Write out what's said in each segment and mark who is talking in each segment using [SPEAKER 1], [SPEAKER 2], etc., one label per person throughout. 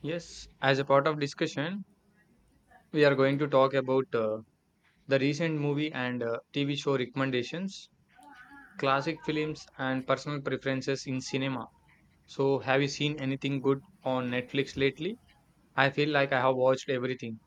[SPEAKER 1] Yes, as a part of discussion, we are going to talk about the recent movie and TV show recommendations, classic films, and personal preferences in cinema. So, have you seen anything good on Netflix lately? I feel like I have watched everything.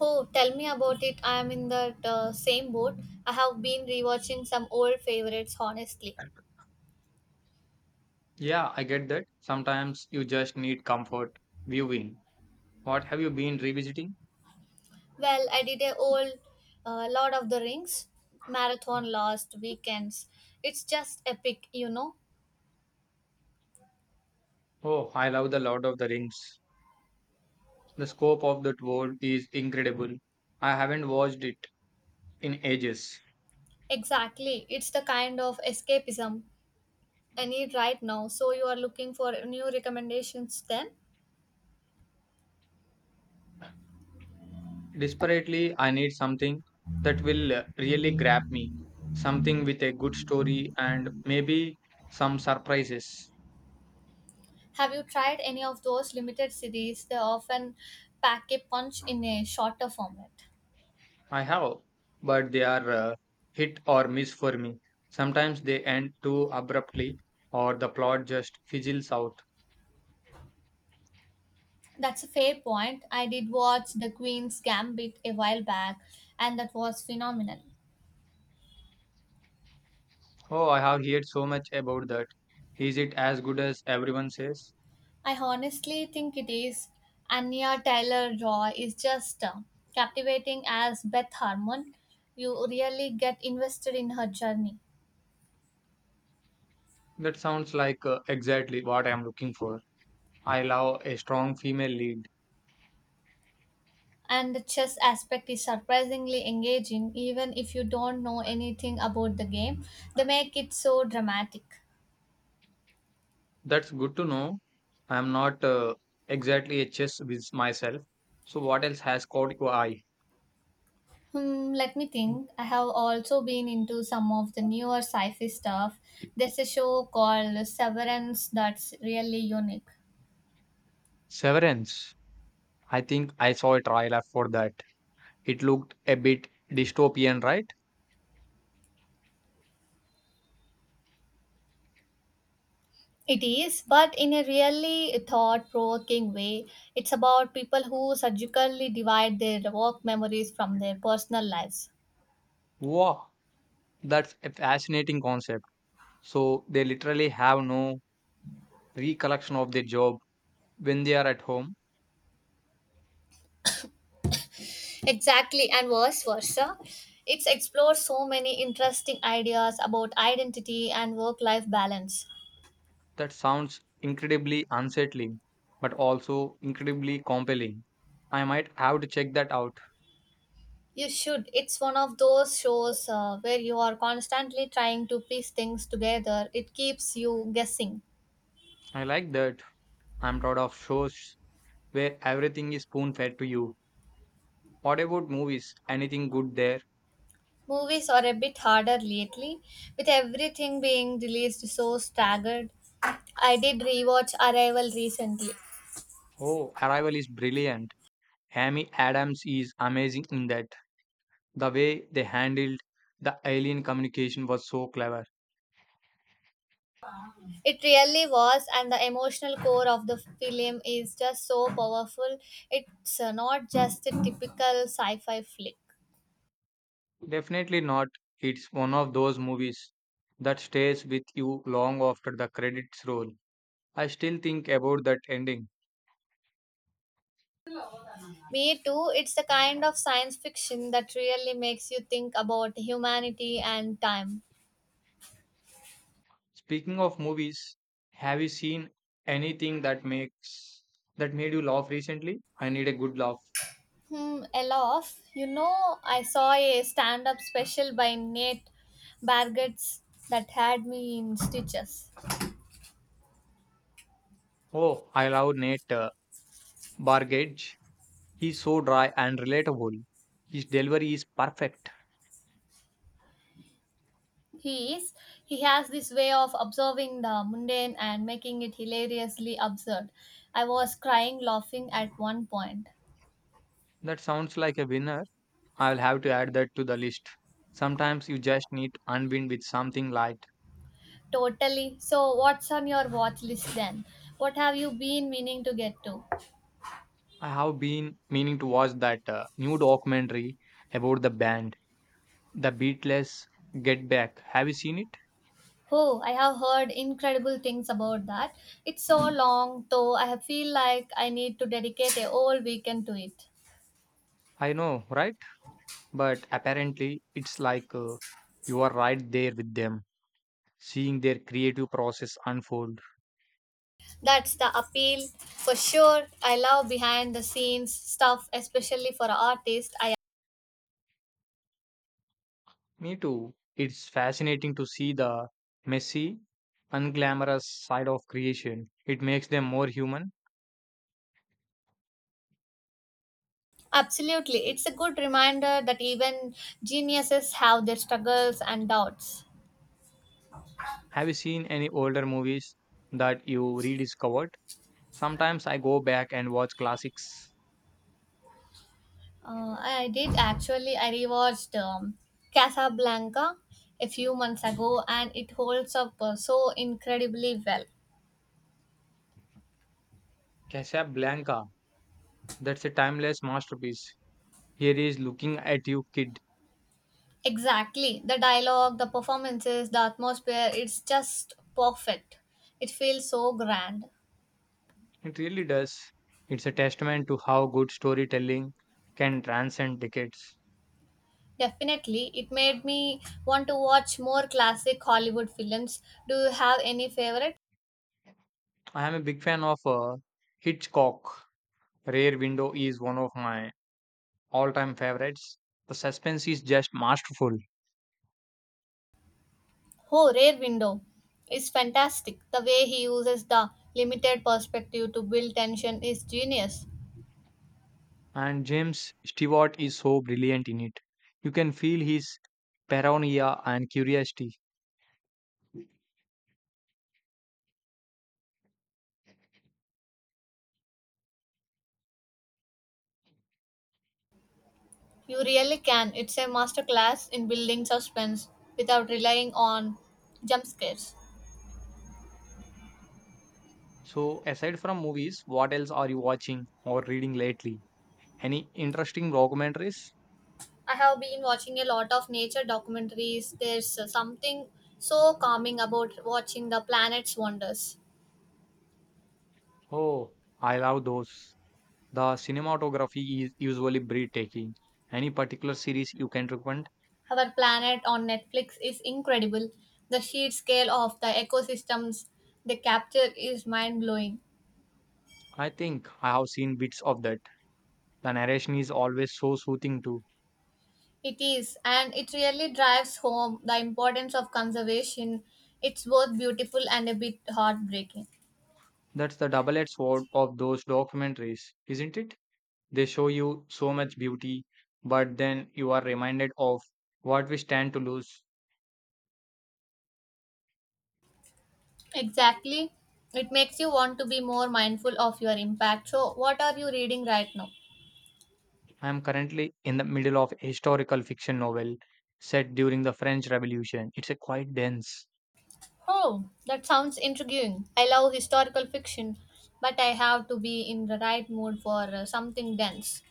[SPEAKER 2] Oh, tell me about it. I am in that same boat. I have been rewatching some old favorites, honestly.
[SPEAKER 1] Yeah, I get that. Sometimes you just need comfort viewing. What have you been revisiting?
[SPEAKER 2] Well, I did a old Lord of the Rings marathon last weekends. It's just epic, you know.
[SPEAKER 1] Oh, I love The Lord of the Rings. The scope of that world is incredible. I haven't watched it in ages.
[SPEAKER 2] Exactly. It's the kind of escapism I need right now. So you are looking for new recommendations then?
[SPEAKER 1] Desperately, I need something that will really grab me, something with a good story and maybe some surprises.
[SPEAKER 2] Have you tried any of those limited series? They often pack a punch in a shorter format.
[SPEAKER 1] I have, but they are hit or miss for me. Sometimes they end too abruptly, or the plot just fizzles out.
[SPEAKER 2] That's a fair point. I did watch The Queen's Gambit a while back, and that was phenomenal.
[SPEAKER 1] Oh, I have heard so much about that. Is it as good as everyone says?
[SPEAKER 2] I honestly think it is. Anya Taylor Joy is just captivating as Beth Harmon. You really get invested in her journey.
[SPEAKER 1] That sounds like exactly what I am looking for. I love a strong female lead.
[SPEAKER 2] And the chess aspect is surprisingly engaging, even if you don't know anything about the game. They make it so dramatic.
[SPEAKER 1] That's good to know. I'm not exactly a chess with myself. So what else has caught your eye?
[SPEAKER 2] Hmm, let me think. I have also been into some of the newer sci-fi stuff. There's a show called Severance that's really unique.
[SPEAKER 1] Severance. I think I saw a trailer for that. It looked a bit dystopian, right?
[SPEAKER 2] It is, but in a really thought-provoking way. It's about people who surgically divide their work memories from their personal lives.
[SPEAKER 1] Wow, that's a fascinating concept. So they literally have no recollection of their job when they are at home.
[SPEAKER 2] Exactly, and vice versa. It's explored so many interesting ideas about identity and work-life balance.
[SPEAKER 1] That sounds incredibly unsettling, but also incredibly compelling. I might have to check that out.
[SPEAKER 2] You should. It's one of those shows where you are constantly trying to piece things together. It keeps you guessing.
[SPEAKER 1] I like that. I'm proud of shows where everything is spoon fed to you. What about movies? Anything good there?
[SPEAKER 2] Movies are a bit harder lately, with everything being released so staggered. I did rewatch Arrival recently.
[SPEAKER 1] Oh, Arrival is brilliant. Amy Adams is amazing in that. The way they handled the alien communication was so clever.
[SPEAKER 2] It really was, and the emotional core of the film is just so powerful. It's not just a typical sci fi flick.
[SPEAKER 1] Definitely not. It's one of those movies that stays with you long after the credits roll. I still think about that ending.
[SPEAKER 2] Me too. It's the kind of science fiction that really makes you think about humanity and time.
[SPEAKER 1] Speaking of movies, have you seen anything that made you laugh recently? I need a good laugh.
[SPEAKER 2] Hmm, Elof, you know, I saw a stand up special by Nate Bargatze that had me in stitches.
[SPEAKER 1] Oh, I love Nate. Bargage. He's so dry and relatable. His delivery is perfect.
[SPEAKER 2] He is, he has this way of observing the mundane and making it hilariously absurd. I was crying laughing at one point.
[SPEAKER 1] That sounds like a winner. I'll have to add that to the list. Sometimes you just need to unwind with something light.
[SPEAKER 2] Totally. So, what's on your watch list then? What have you been meaning to get to?
[SPEAKER 1] I have been meaning to watch that new documentary about the band, The Beatles Get Back. Have you seen it?
[SPEAKER 2] Oh, I have heard incredible things about that. It's so long, though. I have feel like I need to dedicate a whole weekend to it.
[SPEAKER 1] I know, right? But apparently, it's like you are right there with them, seeing their creative process unfold.
[SPEAKER 2] That's the appeal, for sure. I love behind the scenes stuff, especially for artists. I
[SPEAKER 1] Me too. It's fascinating to see the messy, unglamorous side of creation. It makes them more human.
[SPEAKER 2] absolutely. It's a good reminder that even geniuses have their struggles and doubts.
[SPEAKER 1] Have you seen any older movies that you rediscovered? Sometimes I go back and watch classics.
[SPEAKER 2] I did actually. I rewatched Casablanca a few months ago, and it holds up so incredibly well.
[SPEAKER 1] Casablanca, that's a timeless masterpiece. Here is looking at you, kid.
[SPEAKER 2] Exactly. The dialogue, the performances, the atmosphere, it's just perfect. It feels so grand.
[SPEAKER 1] It really does. It's a testament to how good storytelling can transcend decades.
[SPEAKER 2] Definitely, it made me want to watch more classic Hollywood films. Do you have any favorite?
[SPEAKER 1] I am a big fan of Hitchcock. Rare Window is one of my all time favorites. The suspense is just masterful,
[SPEAKER 2] Oh, Rare Window is fantastic. The way he uses the limited perspective to build tension is genius.
[SPEAKER 1] and James Stewart is so brilliant in it. You can feel his paranoia and curiosity.
[SPEAKER 2] You really can. It's a masterclass in building suspense without relying on jump scares.
[SPEAKER 1] So, aside from movies, what else are you watching or reading lately? Any interesting documentaries?
[SPEAKER 2] I have been watching a lot of nature documentaries. There's something so calming about watching the planet's wonders.
[SPEAKER 1] Oh, I love those. The cinematography is usually breathtaking. Any particular series you can recommend?
[SPEAKER 2] Our planet on Netflix is incredible. The sheer scale of the ecosystems they capture is mind blowing.
[SPEAKER 1] I think I have seen bits of that. The narration is always so soothing too.
[SPEAKER 2] It is, and it really drives home the importance of conservation. It's both beautiful and a bit heartbreaking.
[SPEAKER 1] That's the double edged sword of those documentaries, isn't it? They show you so much beauty, but then you are reminded of what we stand to lose.
[SPEAKER 2] Exactly. It makes you want to be more mindful of your impact. So, what are you reading right now?
[SPEAKER 1] I am currently in the middle of a historical fiction novel set during the French Revolution. It's a quite dense.
[SPEAKER 2] Oh, that sounds intriguing. I love historical fiction, but I have to be in the right mood for something dense.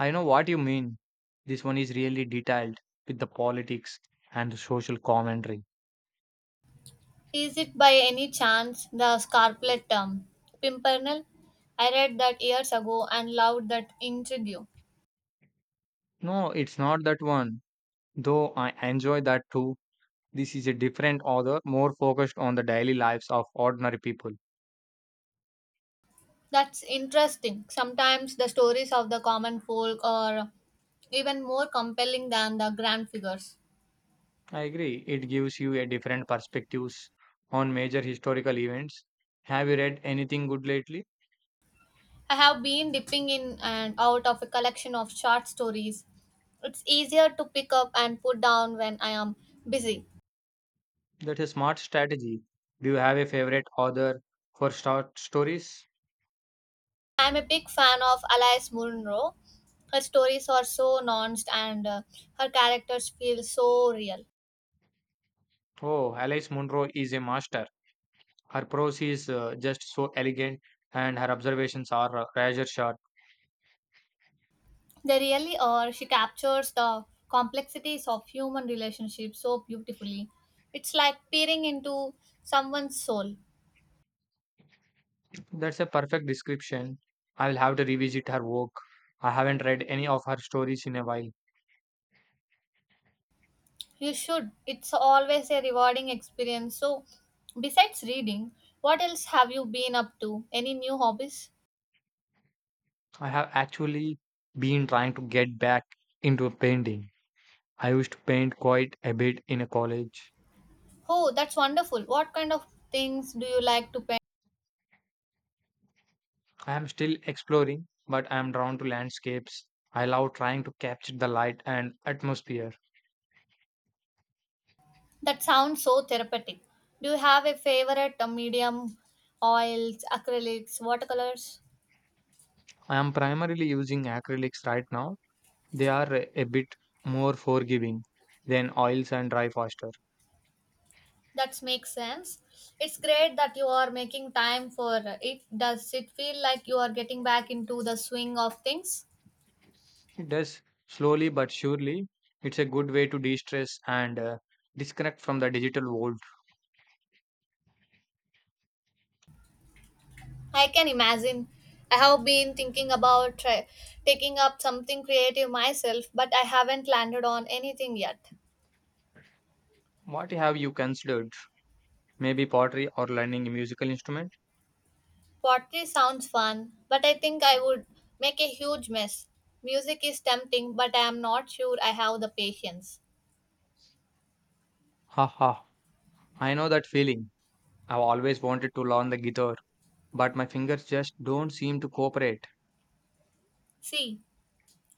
[SPEAKER 1] I know what you mean. This one is really detailed with the politics and the social commentary.
[SPEAKER 2] Is it by any chance the Scarlet Pimpernel? I read that years ago and loved that intrigue.
[SPEAKER 1] No, it's not that one. Though I enjoy that too. This is a different author, more focused on the daily lives of ordinary people.
[SPEAKER 2] That's interesting. Sometimes the stories of the common folk are even more compelling than the grand figures.
[SPEAKER 1] I agree. It gives you a different perspectives on major historical events. Have you read anything good lately?
[SPEAKER 2] I have been dipping in and out of a collection of short stories. It's easier to pick up and put down when I am busy.
[SPEAKER 1] That's a smart strategy. Do you have a favorite author for short stories?
[SPEAKER 2] I'm a big fan of Alice Munro. Her stories are so nuanced and her characters feel so real.
[SPEAKER 1] Oh, Alice Munro is a master. Her prose is just so elegant and her observations are razor sharp.
[SPEAKER 2] They really are. She captures the complexities of human relationships so beautifully. It's like peering into someone's soul.
[SPEAKER 1] That's a perfect description. I will have to revisit her work. I haven't read any of her stories in a while.
[SPEAKER 2] You should. It's always a rewarding experience. So, besides reading, what else have you been up to? Any new hobbies?
[SPEAKER 1] I have actually been trying to get back into painting. I used to paint quite a bit in college.
[SPEAKER 2] Oh, that's wonderful. What kind of things do you like to paint?
[SPEAKER 1] I am still exploring, but I am drawn to landscapes. I love trying to capture the light and atmosphere.
[SPEAKER 2] That sounds so therapeutic. Do you have a favorite medium? Oils, acrylics, watercolors?
[SPEAKER 1] I am primarily using acrylics right now. They are a bit more forgiving than oils and dry faster.
[SPEAKER 2] That makes sense. It's great that you are making time for it. Does it feel like you are getting back into the swing of things?
[SPEAKER 1] It does slowly but surely. It's a good way to de stress and disconnect from the digital world.
[SPEAKER 2] I can imagine. I have been thinking about taking up something creative myself, but I haven't landed on anything yet.
[SPEAKER 1] What have you considered? Maybe pottery or learning a musical instrument?
[SPEAKER 2] Pottery sounds fun, but I think I would make a huge mess. Music is tempting, but I am not sure I have the patience.
[SPEAKER 1] Haha, I know that feeling. I've always wanted to learn the guitar, but my fingers just don't seem to cooperate.
[SPEAKER 2] See,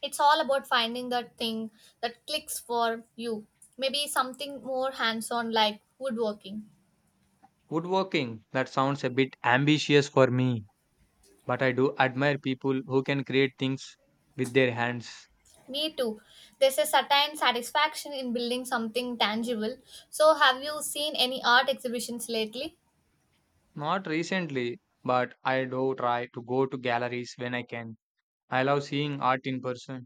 [SPEAKER 2] it's all about finding that thing that clicks for you. Maybe something more hands on like woodworking.
[SPEAKER 1] Woodworking, that sounds a bit ambitious for me, but I do admire people who can create things with their hands.
[SPEAKER 2] Me too. There's a certain satisfaction in building something tangible. So, have you seen any art exhibitions lately?
[SPEAKER 1] Not recently, but I do try to go to galleries when I can. I love seeing art in person.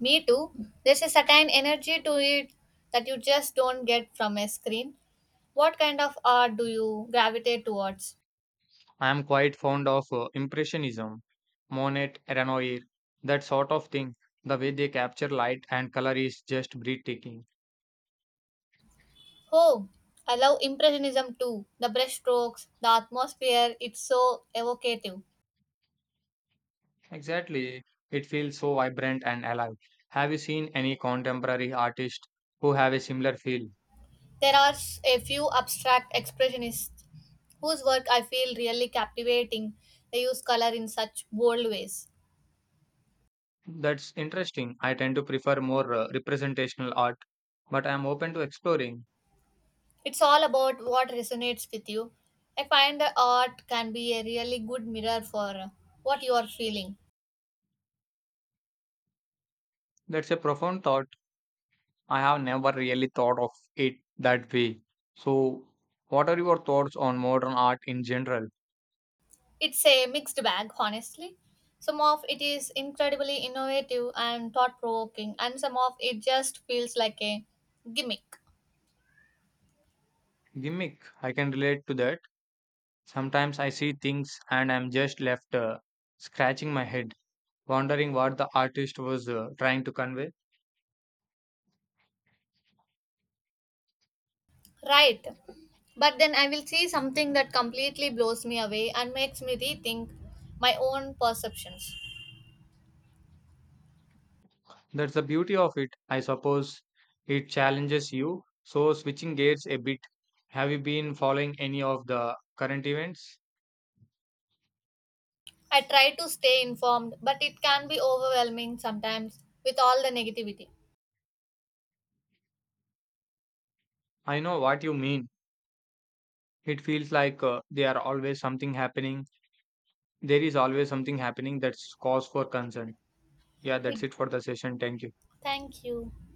[SPEAKER 2] Me too. There's a certain energy to it that you just don't get from a screen. What kind of art do you gravitate towards?
[SPEAKER 1] I am quite fond of Impressionism, Monet, Renoir, that sort of thing. The way they capture light and color is just breathtaking.
[SPEAKER 2] Oh, I love Impressionism too. The brushstrokes, the atmosphere, it's so evocative.
[SPEAKER 1] Exactly. It feels so vibrant and alive. Have you seen any contemporary artists who have a similar feel?
[SPEAKER 2] A few abstract expressionists whose work I feel really captivating. They use color in such bold ways.
[SPEAKER 1] That's interesting. I tend to prefer more representational art, but I am open to exploring.
[SPEAKER 2] It's all about what resonates with you. I find the art can be a really good mirror for what you are feeling.
[SPEAKER 1] That's a profound thought. I have never really thought of it that way. So, what are your thoughts on modern art in general?
[SPEAKER 2] It's a mixed bag, honestly. Some of it is incredibly innovative and thought provoking, and some of it just feels like a gimmick.
[SPEAKER 1] Gimmick. I can relate to that. Sometimes I see things and I'm just left scratching my head, wondering what the artist was trying to convey.
[SPEAKER 2] Right. But then I will see something that completely blows me away and makes me rethink my own perceptions.
[SPEAKER 1] That's the beauty of it, I suppose. It challenges you. So, switching gears a bit, have you been following any of the current events?
[SPEAKER 2] I try to stay informed, but it can be overwhelming sometimes with all the negativity.
[SPEAKER 1] I know what you mean. It feels like there are always something happening. There is always something happening that's cause for concern. Yeah,
[SPEAKER 2] It
[SPEAKER 1] that's it for the session. Thank you.
[SPEAKER 2] Thank you.